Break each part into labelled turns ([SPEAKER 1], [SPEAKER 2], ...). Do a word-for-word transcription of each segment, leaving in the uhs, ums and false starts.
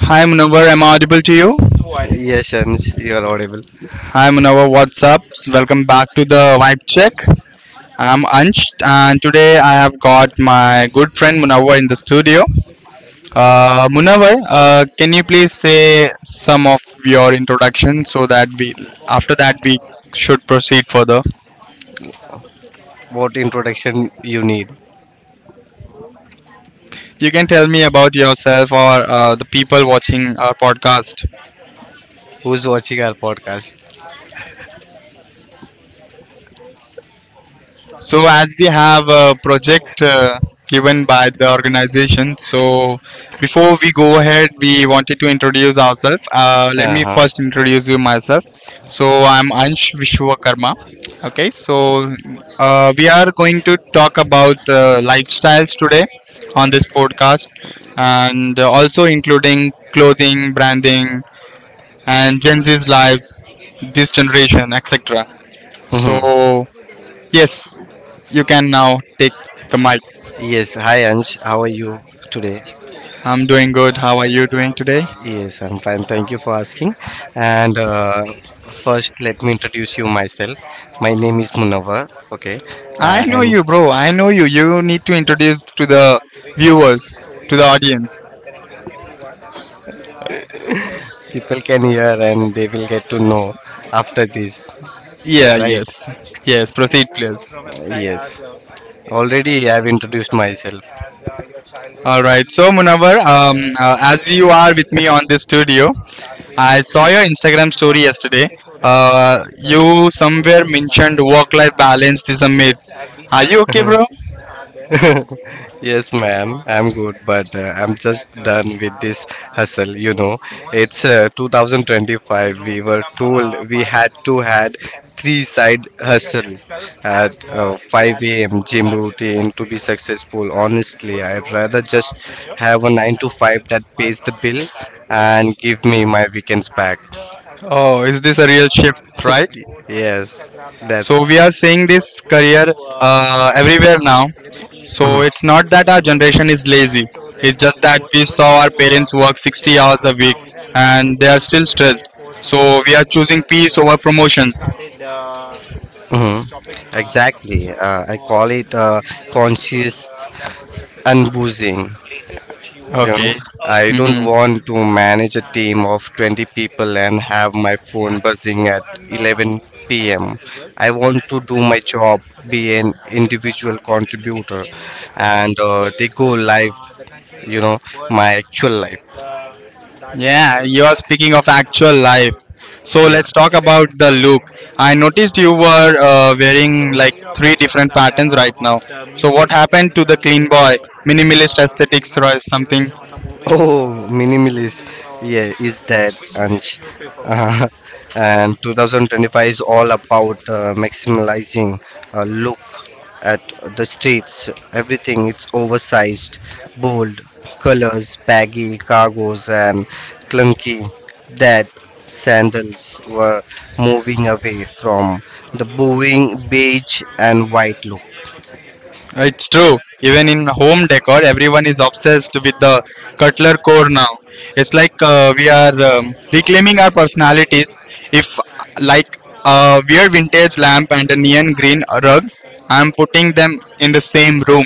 [SPEAKER 1] Hi Munawar, am I audible to you?
[SPEAKER 2] Yes, Ansh, you are audible.
[SPEAKER 1] Hi Munawar, what's up? Welcome back to the Vibe Check. I'm Ansh and today I have got my good friend Munawar in the studio. Uh, Munawar, uh, can you please say some of your introduction so that we, after that we should proceed further.
[SPEAKER 2] What introduction you need?
[SPEAKER 1] You can tell me about yourself or uh, the people watching our podcast.
[SPEAKER 2] Who's watching our podcast?
[SPEAKER 1] So, as we have a project uh, given by the organization, so before we go ahead, we wanted to introduce ourselves. Uh, let
[SPEAKER 2] Uh
[SPEAKER 1] me
[SPEAKER 2] huh.
[SPEAKER 1] first introduce you myself. So, I'm Ansh Vishwakarma. Okay, so uh, we are going to talk about uh, lifestyles today on this podcast and uh, also including clothing, branding, and Gen Z's lives, this generation, et cetera.
[SPEAKER 2] Hmm.
[SPEAKER 1] So, yes, you can now take the mic.
[SPEAKER 2] Yes. Hi, Ansh. How are you today?
[SPEAKER 1] I'm doing good. How are you doing today?
[SPEAKER 2] Yes, I'm fine. Thank you for asking. And uh, first, let me introduce you myself. My name is Munawar. Okay,
[SPEAKER 1] I know
[SPEAKER 2] and
[SPEAKER 1] you, bro. I know you. You need to introduce to the viewers, to the audience.
[SPEAKER 2] people can hear and they will get to know after this,
[SPEAKER 1] Yeah,
[SPEAKER 2] right?
[SPEAKER 1] yes. Yes, proceed, please.
[SPEAKER 2] Uh, Yes, already I have introduced myself.
[SPEAKER 1] All right. So, Munawar, um, uh, as you are with me on this studio, I saw your Instagram story yesterday. Uh, you somewhere mentioned work life balance is a myth. Are you okay, bro?
[SPEAKER 2] Yes, ma'am. I'm good, but uh, I'm just done with this hustle. You know, it's uh, twenty twenty-five. We were told we had to had three side hustle at uh, five a m gym routine to be successful. Honestly, I'd rather just have a nine to five that pays the bill and give me my weekends back.
[SPEAKER 1] Oh, is this a real shift, right?
[SPEAKER 2] Yes, that's...
[SPEAKER 1] So we are seeing this career uh, everywhere now. So it's not that our generation is lazy. It's just that we saw our parents work sixty hours a week and they are still stressed. So we are choosing peace over promotions.
[SPEAKER 2] Mhm. Exactly. Uh, I call it uh, conscious unboozing. You
[SPEAKER 1] Okay.
[SPEAKER 2] know, I don't
[SPEAKER 1] hmm
[SPEAKER 2] want to manage a team of twenty people and have my phone buzzing at eleven p m. I want to do my job, be an individual contributor, and uh, they go live, you know, my actual life.
[SPEAKER 1] Yeah, you are speaking of actual life. So
[SPEAKER 2] Yes.
[SPEAKER 1] let's talk about the look. I noticed you were uh, wearing like three different patterns right now. So what happened to the clean boy, minimalist aesthetics or something?
[SPEAKER 2] Oh, minimalist. Yeah, is that Ansh? Uh, and twenty twenty-five is all about uh, maximizing a look at the streets. Everything it's oversized, bold, colors, baggy cargos, and clunky. That sandals were moving away from the boring beige and white look.
[SPEAKER 1] It's true. Even in home decor, everyone is obsessed with the cutler core now. It's like uh, we are um, reclaiming our personalities. If like a weird vintage lamp and a neon green rug, I'm putting them in the same room.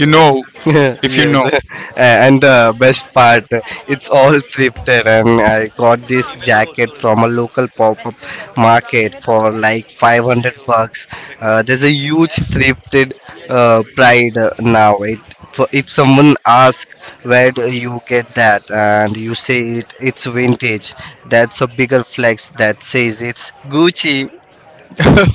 [SPEAKER 1] You know, if you
[SPEAKER 2] Yes.
[SPEAKER 1] know.
[SPEAKER 2] And the best part, it's all thrifted, and I got this jacket from a local pop-up market for like five hundred bucks. Uh, there's a huge thrifted uh, pride uh, now it, for, if someone asks where do you get that and you say it it's vintage, that's a bigger flex that says it's Gucci.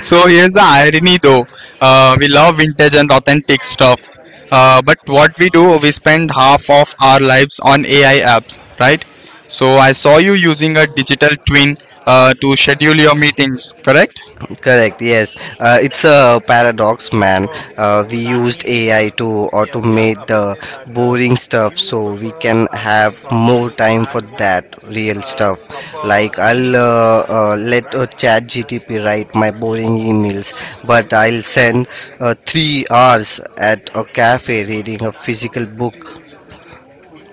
[SPEAKER 1] So here's the irony though. Uh, we love vintage and authentic stuffs. Uh, but what we do, we spend half of our lives on A I apps, right? So I saw you using a digital twin uh, to schedule your meetings, correct?
[SPEAKER 2] Correct, yes. Uh, it's a paradox, man. Uh, we used A I to automate the boring stuff so we can have more time for that real stuff. Like, I'll uh, uh, let uh, ChatGTP write my boring emails, but I'll send uh, three hours at a cafe reading a physical book.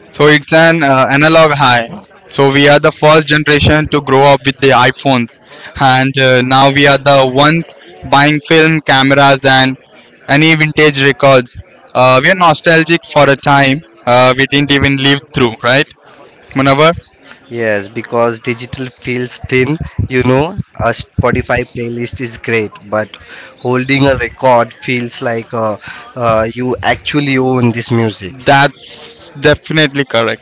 [SPEAKER 1] So it's an uh, analog high. So we are the first generation to grow up with the iPhones, and uh, now we are the ones buying film cameras and any vintage records. Uh, we are nostalgic for a time uh, we didn't even live through, right, Munavar?
[SPEAKER 2] Yes, because digital feels thin, you know, a Spotify playlist is great, but holding a record feels like uh, uh, you actually own this music.
[SPEAKER 1] That's definitely correct,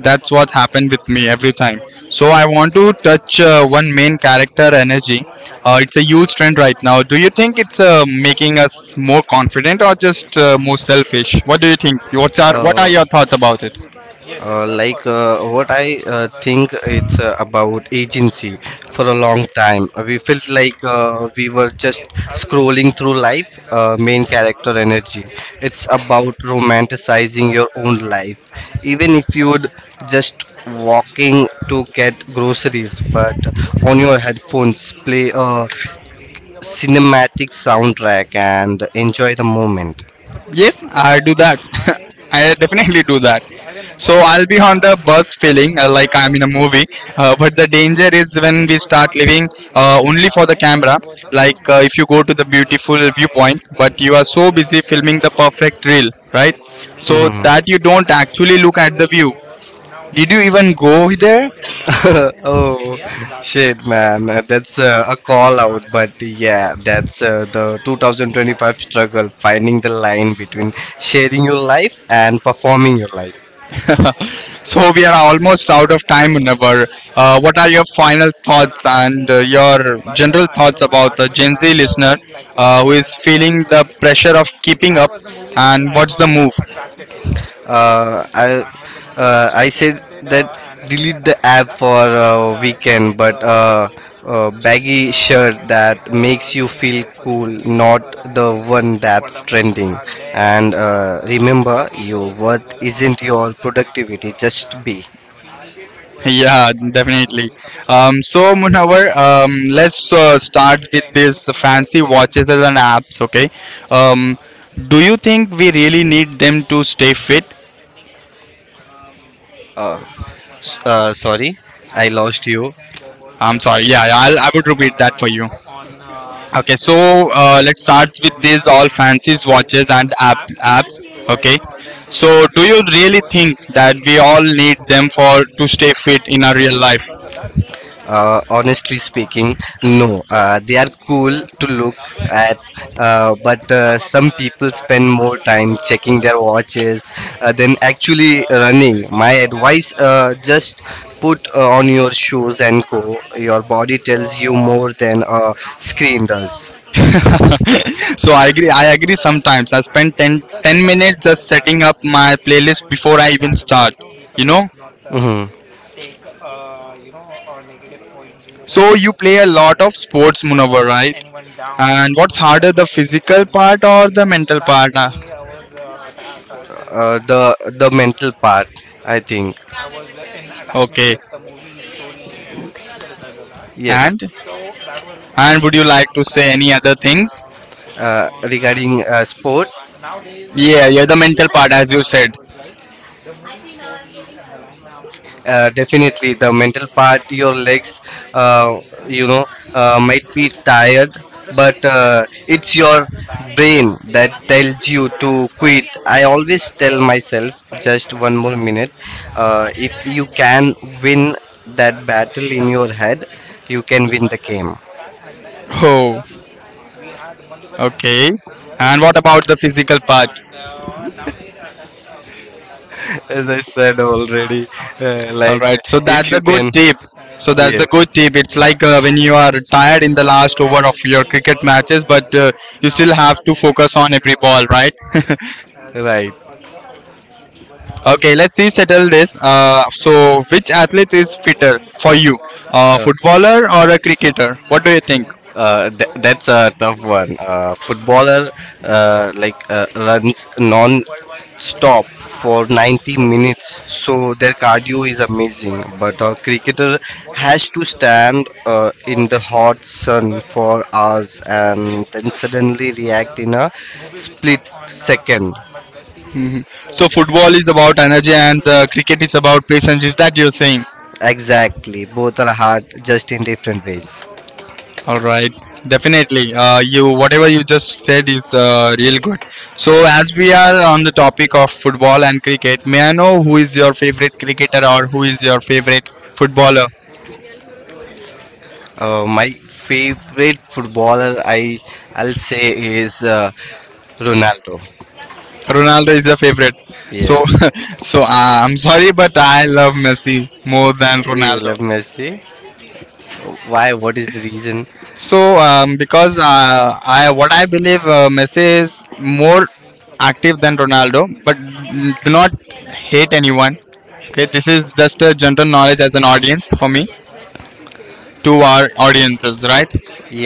[SPEAKER 1] that's what happened with me every time, so I want to touch uh, one main character energy. Uh, it's a huge trend right now. Do you think it's uh, making us more confident or just uh, more selfish? What do you think? What's our, what are
[SPEAKER 2] Uh,
[SPEAKER 1] your thoughts about it?
[SPEAKER 2] Uh, like uh, what I uh, think it's uh, about agency. For a long time, uh, we felt like uh, we were just scrolling through life. Uh, main character energy. It's about romanticizing your own life, even if you'd just walking to get groceries. But on your headphones, play a cinematic soundtrack and enjoy the moment.
[SPEAKER 1] Yes, I do that. I definitely do that. So I'll be on the bus feeling uh, like I'm in a movie. Uh, but the danger is when we start living uh, only for the camera. Like uh, if you go to the beautiful viewpoint, but you are so busy filming the perfect reel, right? So that you
[SPEAKER 2] Mhm.
[SPEAKER 1] don't actually look at the view. Did you even go there?
[SPEAKER 2] Oh, shit, man. Uh, that's uh, a call out, but yeah, that's uh, the twenty twenty-five struggle: finding the line between sharing your life and performing your life.
[SPEAKER 1] So we are almost out of time, Never. Uh, what are your final thoughts and uh, your general thoughts about the Gen Z listener uh, who is feeling the pressure of keeping up, and what's the move?
[SPEAKER 2] Uh, I uh, I said that: delete the app for a weekend. But uh, a baggy shirt that makes you feel cool, not the one that's trending. And uh, remember, your worth isn't your productivity. Just be.
[SPEAKER 1] Yeah, definitely. Um, so Munawar, um, let's uh, start with this fancy watches and apps. Okay. Um, do you think we really need them to stay fit?
[SPEAKER 2] Uh, s- uh, Sorry, I lost you.
[SPEAKER 1] I'm sorry. Yeah, I'll, I would repeat that for you. Okay, so uh, let's start with these all fancies watches and app apps. Okay, so do you really think that we all need them for to stay fit in our real life?
[SPEAKER 2] Uh, honestly speaking, no. Uh, they are cool to look at, uh, but uh, some people spend more time checking their watches uh, than actually running. My advice: uh, just put uh, on your shoes and go. Your body tells you more than a screen does.
[SPEAKER 1] So I agree. I agree. Sometimes I spend ten ten minutes just setting up my playlist before I even start. You know.
[SPEAKER 2] Mhm.
[SPEAKER 1] So you play a lot of sports, Munawar, right? And what's harder, the physical part or the mental part? Ah,
[SPEAKER 2] Uh, the the mental part, I think.
[SPEAKER 1] okay.
[SPEAKER 2] Yes.
[SPEAKER 1] And and would you like to say any other things?
[SPEAKER 2] uh, regarding uh, sport.
[SPEAKER 1] Yeah, yeah, the mental part, as you said.
[SPEAKER 2] Uh, definitely the mental part. Your legs uh, you know uh, might be tired, but uh, it's your brain that tells you to quit. I always tell myself just one more minute. Uh, if you can win that battle in your head, you can win the game.
[SPEAKER 1] Oh, okay. And what about the physical part?
[SPEAKER 2] As I said already, uh,
[SPEAKER 1] All
[SPEAKER 2] like,
[SPEAKER 1] right, so
[SPEAKER 2] if
[SPEAKER 1] that's a
[SPEAKER 2] you
[SPEAKER 1] good
[SPEAKER 2] can...
[SPEAKER 1] tip. So that's a
[SPEAKER 2] Yes.
[SPEAKER 1] good tip. It's like uh, when you are tired in the last over of your cricket matches, but uh, you still have to focus on every ball, right?
[SPEAKER 2] Right.
[SPEAKER 1] Okay, let's see, settle this. Uh, so, which athlete is fitter for you? A
[SPEAKER 2] Uh,
[SPEAKER 1] footballer or a cricketer? What do you think?
[SPEAKER 2] uh, th- that's a tough one. Uh, footballer, uh, like, uh, runs non stop for ninety minutes, so their cardio is amazing. But a cricketer has to stand uh, in the hot sun for hours and then suddenly react in a split second.
[SPEAKER 1] hmm So, football is about energy and uh, cricket is about patience. Is that you're saying?
[SPEAKER 2] Exactly, both are hard, just in different ways.
[SPEAKER 1] All right, definitely. Uh, you whatever you just said is uh, real good. So as we are on the topic of football and cricket, may I know who is your favorite cricketer or who is your favorite footballer?
[SPEAKER 2] Uh, my favorite footballer, I I'll say is uh, Ronaldo.
[SPEAKER 1] Ronaldo is your favorite. So
[SPEAKER 2] Yes,
[SPEAKER 1] so uh, I'm sorry, but I love Messi more than
[SPEAKER 2] you
[SPEAKER 1] Ronaldo.
[SPEAKER 2] love Messi. Why? What is the reason?
[SPEAKER 1] So um, because uh, I what I believe uh, Messi is more active than Ronaldo, but do not hate anyone. Okay, this is just a general knowledge as an audience for me to our audiences, right?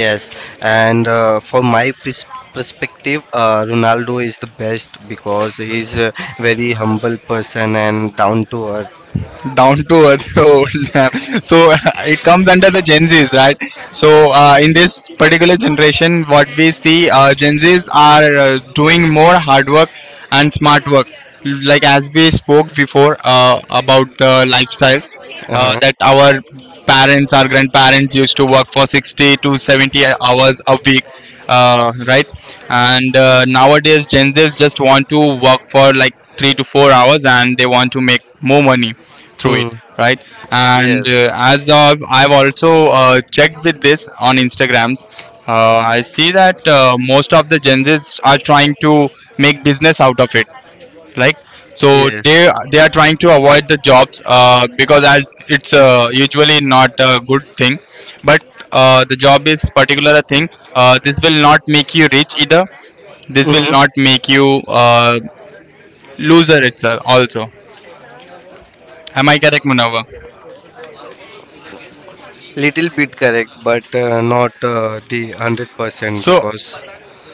[SPEAKER 2] Yes, and uh, for my pers- perspective, uh, Ronaldo is the best because he's a very humble person and down to earth.
[SPEAKER 1] Down to earth. Old man. So it comes under the Gen Z's, right? So uh, in this particular generation, what we see, uh, Gen Z's are uh, doing more hard work and smart work, like as we spoke before uh, about the lifestyles, uh,
[SPEAKER 2] Uh-huh.
[SPEAKER 1] that our parents, our grandparents used to work for sixty to seventy hours a week, uh, right? And uh, nowadays Gen Z's just want to work for like three to four hours and they want to make more money through it,
[SPEAKER 2] Hmm.
[SPEAKER 1] right? And uh, as uh, I've also uh, checked with this on Instagrams, uh, I see that uh, most of the Gen Zs are trying to make business out of it, like, so
[SPEAKER 2] Yes.
[SPEAKER 1] they they are trying to avoid the jobs,
[SPEAKER 2] Yes.
[SPEAKER 1] uh, because as it's uh, usually not a good thing, but uh, the job is particular a thing, uh, this will not make you rich either, this will
[SPEAKER 2] Hmm.
[SPEAKER 1] not make you uh, loser, it's uh, also, am I correct, Munawar?
[SPEAKER 2] Little bit correct, but uh, not uh, the one hundred percent,
[SPEAKER 1] so
[SPEAKER 2] because...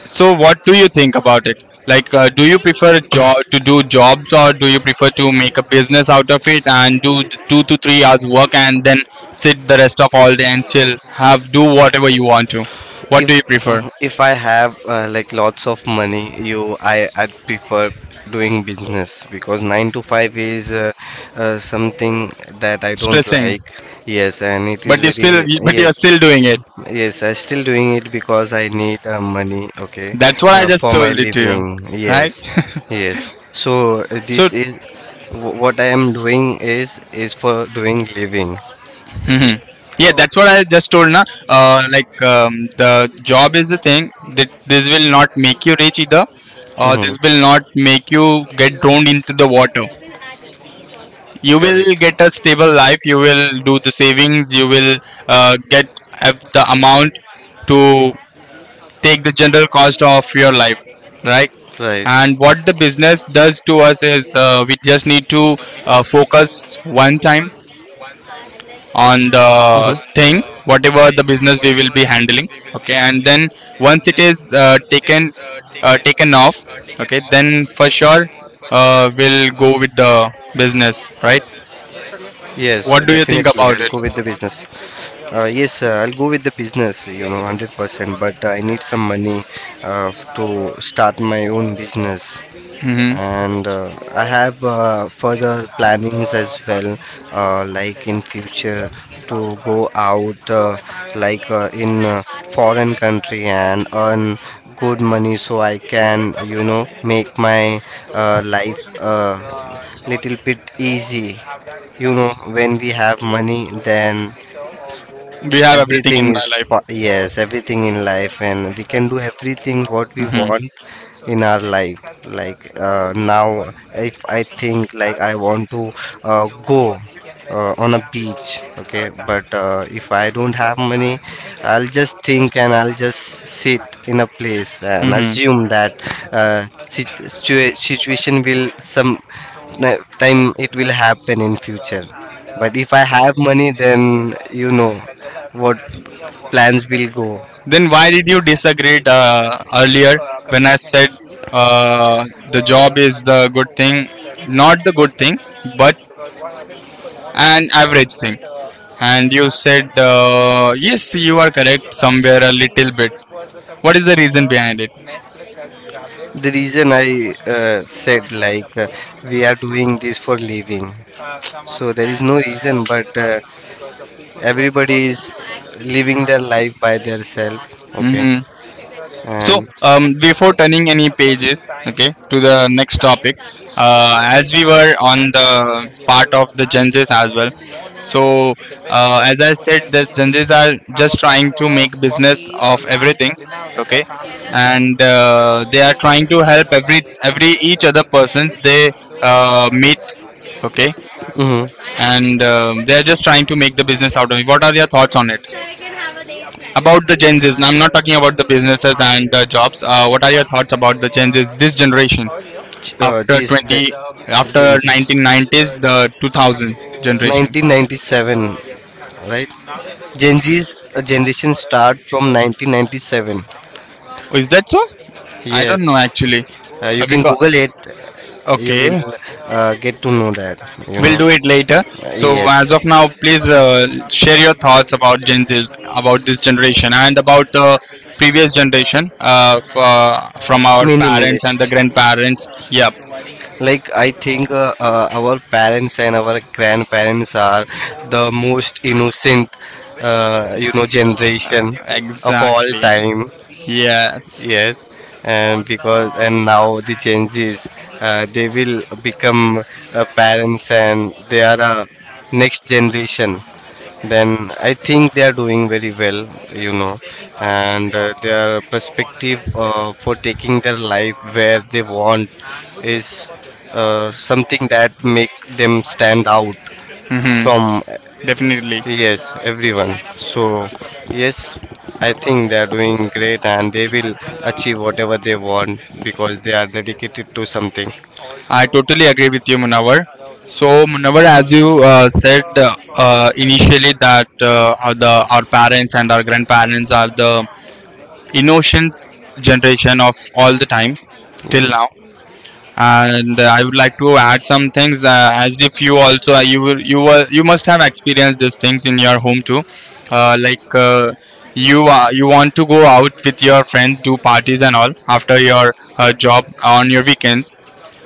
[SPEAKER 1] So, what do you think about it? Like, uh, do you prefer job to do jobs, or do you prefer to make a business out of it and do th- two to three hours work and then sit the rest of all day and chill, have do whatever you want to? What do you
[SPEAKER 2] If
[SPEAKER 1] prefer?
[SPEAKER 2] uh, if I have, uh, like, lots of money, you I I'd prefer doing business because nine to five is uh, uh, something that I don't
[SPEAKER 1] Stressing,
[SPEAKER 2] like. Yes, and it is
[SPEAKER 1] but you still,
[SPEAKER 2] very...
[SPEAKER 1] but you are
[SPEAKER 2] yes.
[SPEAKER 1] still doing it.
[SPEAKER 2] Yes, I still doing it because I need uh, money, okay,
[SPEAKER 1] That's what I
[SPEAKER 2] uh,
[SPEAKER 1] just
[SPEAKER 2] for my
[SPEAKER 1] told it to you,
[SPEAKER 2] living.
[SPEAKER 1] right?
[SPEAKER 2] Yes, yes. So uh,
[SPEAKER 1] So,
[SPEAKER 2] this is wh- what I am doing is is for doing living.
[SPEAKER 1] hmm yeah, that's what I just told. Na, uh, like um, the job is the thing. That this will not make you rich either, or
[SPEAKER 2] Mhm.
[SPEAKER 1] this will not make you get drowned into the water. You will get a stable life. You will do the savings. You will uh, get uh, the amount to take the general cost of your life, right?
[SPEAKER 2] Right.
[SPEAKER 1] And what the business does to us is uh, we just need to uh, focus one time on the thing whatever the business we will be handling, okay, and then once it is uh, taken uh, taken off, okay, then for sure uh, we'll go with the business, right? What
[SPEAKER 2] Definitely.
[SPEAKER 1] do
[SPEAKER 2] I'll
[SPEAKER 1] you
[SPEAKER 2] think
[SPEAKER 1] think
[SPEAKER 2] go with the about
[SPEAKER 1] about it?
[SPEAKER 2] business. Uh, yes, uh, I'll go with the business, you know, one hundred percent, but I need some money uh, f- to start my own business.
[SPEAKER 1] hmm
[SPEAKER 2] And uh, I have uh, further plannings as well, uh, like, in future to go out, uh, like, uh, in uh, foreign country and earn good money so I can, you know, make my uh, life uh, little bit easy. You know when we have money, then
[SPEAKER 1] we have everything
[SPEAKER 2] everything
[SPEAKER 1] in my
[SPEAKER 2] is
[SPEAKER 1] life.
[SPEAKER 2] po- yes, everything in life, and we can do everything what we
[SPEAKER 1] hmm
[SPEAKER 2] want in our life. Like, uh, now if I think like I want to uh, go uh, on a beach, okay, but uh, if I don't have money, I'll just think, and I'll just sit in a place and
[SPEAKER 1] hmm
[SPEAKER 2] assume that uh, situ- situa- situation will some na- time it will happen in future. But if I have money, then you know what plans will
[SPEAKER 1] then why did you disagree uh, earlier when I said uh, the job is the good thing,
[SPEAKER 2] go.
[SPEAKER 1] not the good thing, but an average thing. And you said, uh, yes, you are correct somewhere a little bit. What is the reason behind it?
[SPEAKER 2] The reason I uh, said like, uh, we are doing this for living, so there is no reason, but uh, everybody is living their life by themselves. Okay,
[SPEAKER 1] hmm So,
[SPEAKER 2] and...
[SPEAKER 1] um, before turning any pages, okay, to the next topic, uh, as we were on the part of the Genjis as well. So, uh, as I said, the Genjis are just trying to make business of everything, okay, and uh, they are trying to help every every each other persons they uh, meet, okay.
[SPEAKER 2] Mm-hmm.
[SPEAKER 1] And um, they're just trying to make the business out of it. What are your thoughts on it? About the Gen Zs, now I'm not talking about the businesses and the jobs. Uh, what are your thoughts about the Gen Zs, this generation,
[SPEAKER 2] Uh,
[SPEAKER 1] after
[SPEAKER 2] G's, the
[SPEAKER 1] twenty,
[SPEAKER 2] Gen
[SPEAKER 1] after
[SPEAKER 2] Z's.
[SPEAKER 1] nineteen nineties, the
[SPEAKER 2] We have
[SPEAKER 1] two thousand
[SPEAKER 2] to
[SPEAKER 1] generation?
[SPEAKER 2] nineteen ninety-seven, right? Gen Z's uh, generation start from nineteen ninety-seven.
[SPEAKER 1] Is that so? I don't know
[SPEAKER 2] Yes,
[SPEAKER 1] actually.
[SPEAKER 2] uh, you
[SPEAKER 1] Uh,
[SPEAKER 2] can
[SPEAKER 1] Because,
[SPEAKER 2] Google it. You
[SPEAKER 1] okay,
[SPEAKER 2] will uh, get to know that. You
[SPEAKER 1] we'll
[SPEAKER 2] know.
[SPEAKER 1] do it later.
[SPEAKER 2] Uh,
[SPEAKER 1] So, as
[SPEAKER 2] yes,
[SPEAKER 1] of now, please uh, share your thoughts about Gen Z's, about this generation, and about the previous generation uh, f- uh, from our parents and
[SPEAKER 2] minimalist.
[SPEAKER 1] the grandparents. Yep.
[SPEAKER 2] Like, I think uh, uh, our parents and our grandparents are the most innocent uh, you know generation of all
[SPEAKER 1] Exactly.
[SPEAKER 2] time.
[SPEAKER 1] Yes.
[SPEAKER 2] Yes, and because and now the changes, uh, they will become uh, parents and they are a next generation. Then I think they are doing very well, you know, and uh, their perspective uh, for taking their life where they want is uh, something that make them stand out
[SPEAKER 1] Mm-hmm.
[SPEAKER 2] from...
[SPEAKER 1] Definitely.
[SPEAKER 2] Yes, everyone. So, yes, I think they are doing great and they will achieve whatever they want because they are dedicated to something.
[SPEAKER 1] I totally agree with you, Munawar. So, Munawar, as you uh, said uh, uh, initially, that uh, how the our parents and our grandparents are the innocent generation of all the time till now.
[SPEAKER 2] Yes.
[SPEAKER 1] And uh, I would like to add some things. Uh, as if you also, uh, you will you were you must have experienced these things in your home too, uh, like. Uh, you uh, you want to go out with your friends, do parties and all after your uh, job, on your weekends,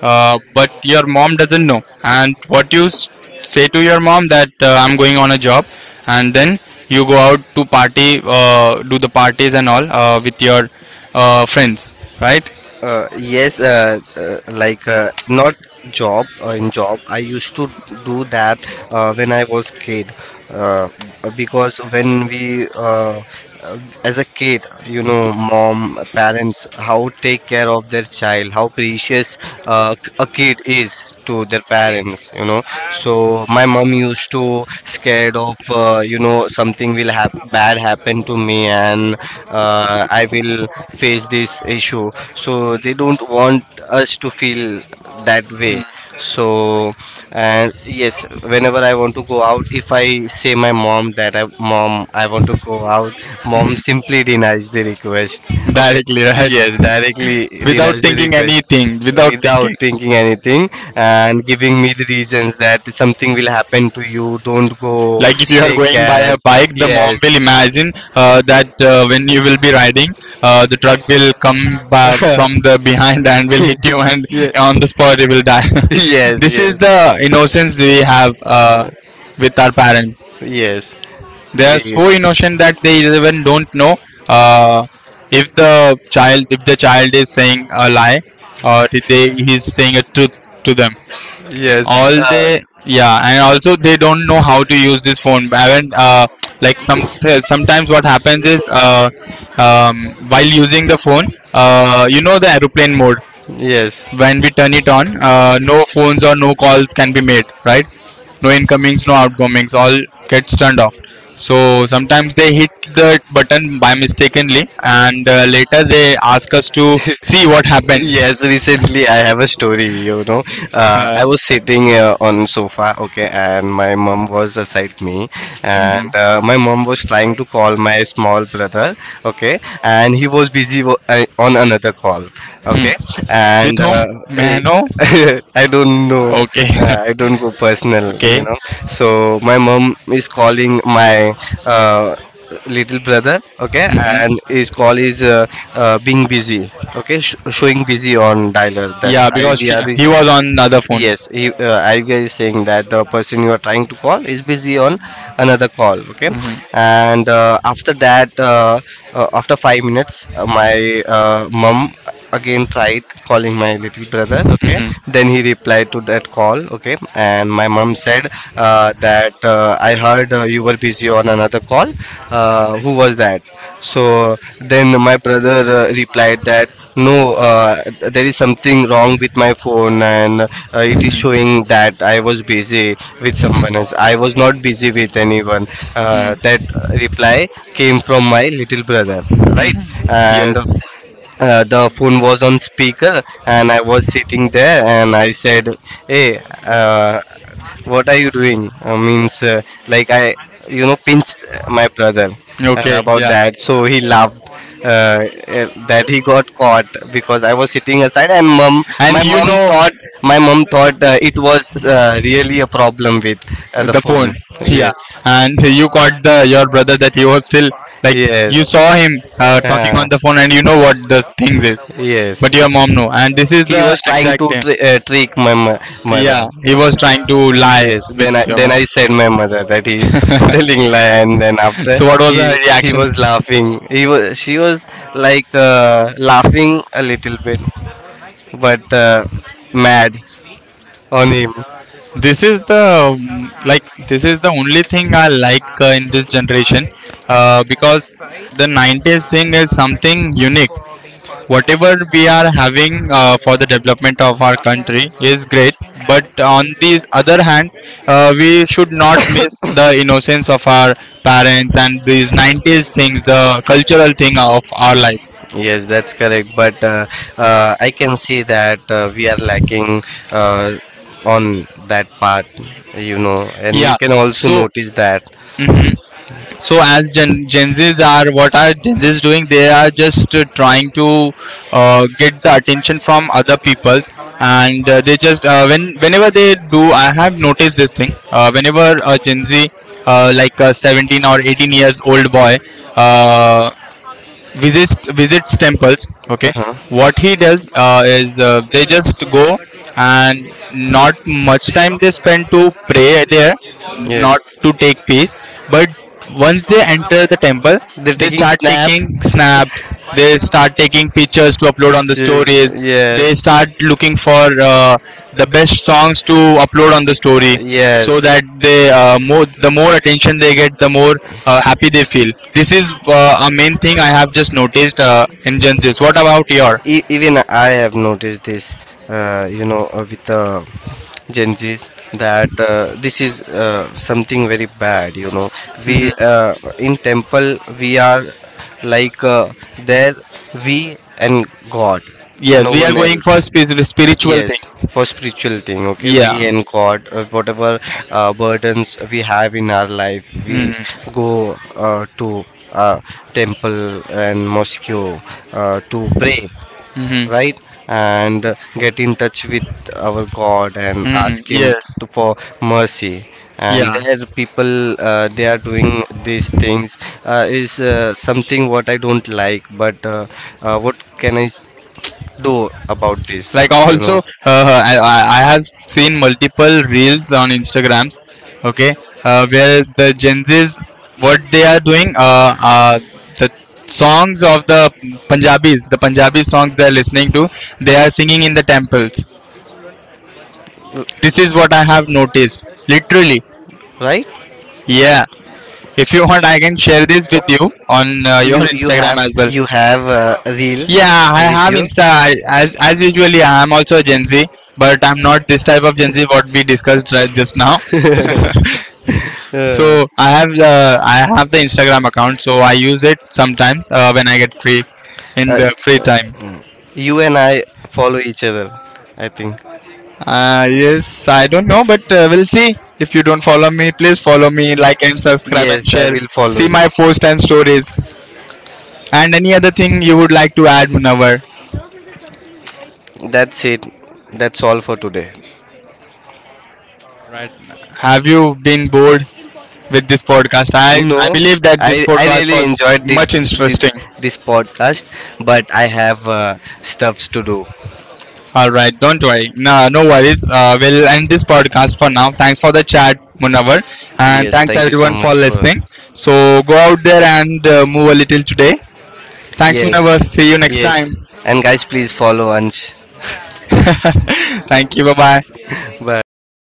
[SPEAKER 1] uh, but your mom doesn't know, and what you s- say to your mom that uh, I'm going on a job, and then you go out to party, uh, do the parties and all uh, with your uh, friends, right?
[SPEAKER 2] Uh, yes, uh, uh, like uh, not job uh, in job. I used to do that uh, when I was kid, uh, because when we uh, uh, as a kid, you know, mom, parents, how take care of their child, how precious uh, a kid is to their parents, you know. So my mom used to scared of uh, you know something will have bad happen to me and uh, I will face this issue. So they don't want us to feel that way. So, and yes, whenever I want to go out, if I say my mom that I mom I want to go out, mom simply denies the request. Okay.
[SPEAKER 1] Directly, right?
[SPEAKER 2] Yes, directly
[SPEAKER 1] Without
[SPEAKER 2] denies the
[SPEAKER 1] thinking
[SPEAKER 2] request
[SPEAKER 1] anything, without,
[SPEAKER 2] without thinking anything and giving me the reasons that something will happen to you, don't go,
[SPEAKER 1] like, if you are
[SPEAKER 2] take
[SPEAKER 1] going by
[SPEAKER 2] care.
[SPEAKER 1] a bike, the mom
[SPEAKER 2] Yes.
[SPEAKER 1] will imagine uh, that uh, when you will be riding, uh, the truck will come by from the behind and will hit you, and
[SPEAKER 2] Yeah.
[SPEAKER 1] on the spot you will die.
[SPEAKER 2] Yes,
[SPEAKER 1] This is
[SPEAKER 2] yes.
[SPEAKER 1] the innocence we have uh, with our parents.
[SPEAKER 2] Yes.
[SPEAKER 1] They are
[SPEAKER 2] The...
[SPEAKER 1] so innocent that they even don't know, uh, if the child if the child is saying a lie, or if they he is saying a truth to them.
[SPEAKER 2] Yes.
[SPEAKER 1] All
[SPEAKER 2] Uh,
[SPEAKER 1] they Yeah. And also they don't know how to use this phone, and uh, like, some sometimes what happens is, uh, um, while using the phone, uh, you know the aeroplane mode,
[SPEAKER 2] yes.
[SPEAKER 1] when we turn it on, uh, no phones or no calls can be made, right? No incomings, no outgoings, all gets turned off. So sometimes they hit the button by mistakenly, and uh, later they ask us to see what happened.
[SPEAKER 2] Yes, recently I have a story you know uh, I was sitting uh, on sofa, okay, and my mom was aside me,
[SPEAKER 1] Uh, hmm.
[SPEAKER 2] and uh, my mom was trying to call my small brother, okay, and
[SPEAKER 1] Hmm.
[SPEAKER 2] he was busy wo- uh, on another call, okay,
[SPEAKER 1] With
[SPEAKER 2] and
[SPEAKER 1] whom?
[SPEAKER 2] uh,
[SPEAKER 1] May I
[SPEAKER 2] eh,
[SPEAKER 1] know?
[SPEAKER 2] I don't know.
[SPEAKER 1] Okay.
[SPEAKER 2] uh, I don't go personal you
[SPEAKER 1] Okay.
[SPEAKER 2] know so my mom is calling my uh, little brother, okay,
[SPEAKER 1] Hmm.
[SPEAKER 2] and his call is uh, uh, being busy, okay, sh- showing busy on dialer that
[SPEAKER 1] Yeah, because she,
[SPEAKER 2] I V R is...
[SPEAKER 1] he was on the other phone.
[SPEAKER 2] yes, he... uh, I V R is saying that the person you are trying to call is busy on another call, okay,
[SPEAKER 1] Hmm.
[SPEAKER 2] and uh, after that, uh, uh, after five minutes, uh, my uh, mom again tried calling my little brother, okay,
[SPEAKER 1] Hmm.
[SPEAKER 2] then he replied to that call, okay, and my mom said uh, that uh, I heard uh, you were super busy on another call. Uh, who was that? So then my brother uh, replied that no, uh, there is something wrong with my phone, and uh, it is showing that I was busy with someone else. I was not busy with anyone.
[SPEAKER 1] Hmm.
[SPEAKER 2] Uh,
[SPEAKER 1] Hmm.
[SPEAKER 2] that reply came from my little brother, right?
[SPEAKER 1] Hmm.
[SPEAKER 2] And
[SPEAKER 1] Yes.
[SPEAKER 2] uh, the phone was on speaker, and I was sitting there and I said, hey, uh, what are you doing? Uh, means, uh, like, I you know pinched my brother uh,
[SPEAKER 1] Okay.
[SPEAKER 2] about
[SPEAKER 1] Yeah.
[SPEAKER 2] that, so he laughed, uh, uh, that he got caught because I was sitting aside, and mom
[SPEAKER 1] And
[SPEAKER 2] my
[SPEAKER 1] you
[SPEAKER 2] mom
[SPEAKER 1] know
[SPEAKER 2] thought my mom thought uh, it was uh, really a problem with uh, the
[SPEAKER 1] the phone.
[SPEAKER 2] phone.
[SPEAKER 1] Yeah.
[SPEAKER 2] Yes.
[SPEAKER 1] And you caught the your brother that he was still, like, you
[SPEAKER 2] Yes.
[SPEAKER 1] saw him uh, talking
[SPEAKER 2] uh,
[SPEAKER 1] on the phone, and you know what the things is.
[SPEAKER 2] yes,
[SPEAKER 1] But your mom know. And this is
[SPEAKER 2] he
[SPEAKER 1] the
[SPEAKER 2] was trying
[SPEAKER 1] exact
[SPEAKER 2] to
[SPEAKER 1] same.
[SPEAKER 2] tr- uh, trick my mo- mother
[SPEAKER 1] Yeah. He was trying to lie
[SPEAKER 2] Yes.
[SPEAKER 1] with
[SPEAKER 2] Then I
[SPEAKER 1] your
[SPEAKER 2] then
[SPEAKER 1] mom.
[SPEAKER 2] I said my mother that he is telling lie, and then after...
[SPEAKER 1] So what was
[SPEAKER 2] he
[SPEAKER 1] her
[SPEAKER 2] he
[SPEAKER 1] reaction?
[SPEAKER 2] was laughing. He was, she was, like, uh, laughing a little bit, but uh, mad on him.
[SPEAKER 1] This is the um, like, this is the only thing I like uh, in this generation, uh, because the nineties thing is something unique. Whatever we are having uh, for the development of our country is great, but on the other hand, uh, we should not miss the innocence of our parents and these nineties things, the cultural thing of our life.
[SPEAKER 2] Yes, that's correct. But uh, uh, I can see that uh, we are lacking uh, on that part, you know, and you
[SPEAKER 1] Yeah.
[SPEAKER 2] can also
[SPEAKER 1] So.
[SPEAKER 2] notice that.
[SPEAKER 1] Mhm. So as Gen, Gen Zs are, what are Gen Zs doing? They are just uh, trying to uh, get the attention from other people, and uh, they just uh, when whenever they do, I have noticed this thing. Uh, whenever a Gen Z, uh, like a seventeen or eighteen years old boy, uh, visits visits temples, okay,
[SPEAKER 2] Uh-huh.
[SPEAKER 1] what he does uh, is uh, they just go, and not much time they spend to pray there,
[SPEAKER 2] Yes.
[SPEAKER 1] not to take peace, but once they enter the temple,
[SPEAKER 2] They're
[SPEAKER 1] they
[SPEAKER 2] taking
[SPEAKER 1] start taking
[SPEAKER 2] snaps.
[SPEAKER 1] snaps, they start taking pictures to upload on the
[SPEAKER 2] Pictures.
[SPEAKER 1] stories, they
[SPEAKER 2] Yes.
[SPEAKER 1] start looking for uh, the best songs to upload on the story, so
[SPEAKER 2] Yes.
[SPEAKER 1] that they uh, more the more attention they get, the more uh, happy they feel. This is uh, a main thing I have just noticed uh, in Gen Zs. What about your,
[SPEAKER 2] E- even I have noticed this, uh, you know, uh, with the Gen Zs, that uh, this is uh, something very bad. You know,
[SPEAKER 1] mhm,
[SPEAKER 2] we uh, in temple we are like uh, there we and God,
[SPEAKER 1] yes,
[SPEAKER 2] no
[SPEAKER 1] we are
[SPEAKER 2] one
[SPEAKER 1] going for
[SPEAKER 2] else.
[SPEAKER 1] spi- spiritual
[SPEAKER 2] Yes,
[SPEAKER 1] things,
[SPEAKER 2] for spiritual thing, okay, we
[SPEAKER 1] yeah,
[SPEAKER 2] and God, uh, whatever uh, burdens we have in our life, we
[SPEAKER 1] mm-hmm,
[SPEAKER 2] go uh, to uh, temple and mosque uh, to pray,
[SPEAKER 1] mm-hmm,
[SPEAKER 2] right? And uh, get in touch with our God and
[SPEAKER 1] mm-hmm,
[SPEAKER 2] ask Him
[SPEAKER 1] yes,
[SPEAKER 2] to, for mercy. And
[SPEAKER 1] yeah,
[SPEAKER 2] there, people, uh, they are doing these things uh, is uh, something what I don't like, but uh, uh, what can I s- do about this?
[SPEAKER 1] like,
[SPEAKER 2] You
[SPEAKER 1] also,
[SPEAKER 2] know.
[SPEAKER 1] uh, uh, I, I I have seen multiple reels on Instagrams, okay, uh, where the Gen Zs, what they are doing, uh, uh, the songs of the punjabis, the punjabi songs they are listening to, they are singing in the temples. This is what I have noticed literally.
[SPEAKER 2] Right?
[SPEAKER 1] Yeah, if
[SPEAKER 2] If you
[SPEAKER 1] you want
[SPEAKER 2] want,
[SPEAKER 1] I
[SPEAKER 2] I
[SPEAKER 1] can
[SPEAKER 2] can
[SPEAKER 1] share
[SPEAKER 2] share
[SPEAKER 1] this
[SPEAKER 2] this
[SPEAKER 1] with
[SPEAKER 2] with you.
[SPEAKER 1] you
[SPEAKER 2] And,
[SPEAKER 1] on uh,
[SPEAKER 2] uh,
[SPEAKER 1] your
[SPEAKER 2] you you can. you
[SPEAKER 1] Instagram
[SPEAKER 2] have
[SPEAKER 1] as well.
[SPEAKER 2] you have uh, a reel. Yeah,
[SPEAKER 1] Yeah, I
[SPEAKER 2] and with I'm
[SPEAKER 1] have
[SPEAKER 2] you.
[SPEAKER 1] Insta. I,
[SPEAKER 2] Sad.
[SPEAKER 1] as as usually,
[SPEAKER 2] Yeah,
[SPEAKER 1] I
[SPEAKER 2] I'm
[SPEAKER 1] am also
[SPEAKER 2] also,
[SPEAKER 1] a Gen Z, but
[SPEAKER 2] but
[SPEAKER 1] I'm
[SPEAKER 2] I'm
[SPEAKER 1] not
[SPEAKER 2] not
[SPEAKER 1] this type
[SPEAKER 2] able
[SPEAKER 1] of Gen
[SPEAKER 2] to
[SPEAKER 1] Z
[SPEAKER 2] visit
[SPEAKER 1] what we discussed right
[SPEAKER 2] classes
[SPEAKER 1] just now.
[SPEAKER 2] now. So uh,
[SPEAKER 1] So I have, uh, I have the Instagram account, so I use it sometimes uh, when I get free,
[SPEAKER 2] in
[SPEAKER 1] in
[SPEAKER 2] uh,
[SPEAKER 1] the
[SPEAKER 2] y-
[SPEAKER 1] free
[SPEAKER 2] uh,
[SPEAKER 1] time.
[SPEAKER 2] mm. you and I follow each other, I think.
[SPEAKER 1] Uh, yes, I don't know, but uh, we'll see. If you don't follow me, please follow me, like and subscribe and
[SPEAKER 2] Yes, I
[SPEAKER 1] share.
[SPEAKER 2] will follow
[SPEAKER 1] See
[SPEAKER 2] you.
[SPEAKER 1] my posts and stories, and any other thing you would like to add, Munawar.
[SPEAKER 2] That's it. That's all for today.
[SPEAKER 1] Have you been bored with this podcast? I, I
[SPEAKER 2] No,
[SPEAKER 1] believe that this
[SPEAKER 2] I I
[SPEAKER 1] podcast
[SPEAKER 2] really
[SPEAKER 1] was
[SPEAKER 2] enjoyed the,
[SPEAKER 1] much
[SPEAKER 2] the,
[SPEAKER 1] interesting.
[SPEAKER 2] this podcast, but I have uh, stuffs to do.
[SPEAKER 1] All right, don't worry. No, no worries. Uh, we'll end this podcast for now. Thanks for the chat, Munawar, and
[SPEAKER 2] Yes,
[SPEAKER 1] thanks
[SPEAKER 2] thank you so
[SPEAKER 1] everyone for
[SPEAKER 2] much for...
[SPEAKER 1] listening. So go out there and uh, move a little today. Thanks,
[SPEAKER 2] Yes,
[SPEAKER 1] Munawar. See you next time.
[SPEAKER 2] yes. And guys, please follow Ansh.
[SPEAKER 1] Thank you. Bye bye.
[SPEAKER 2] Bye.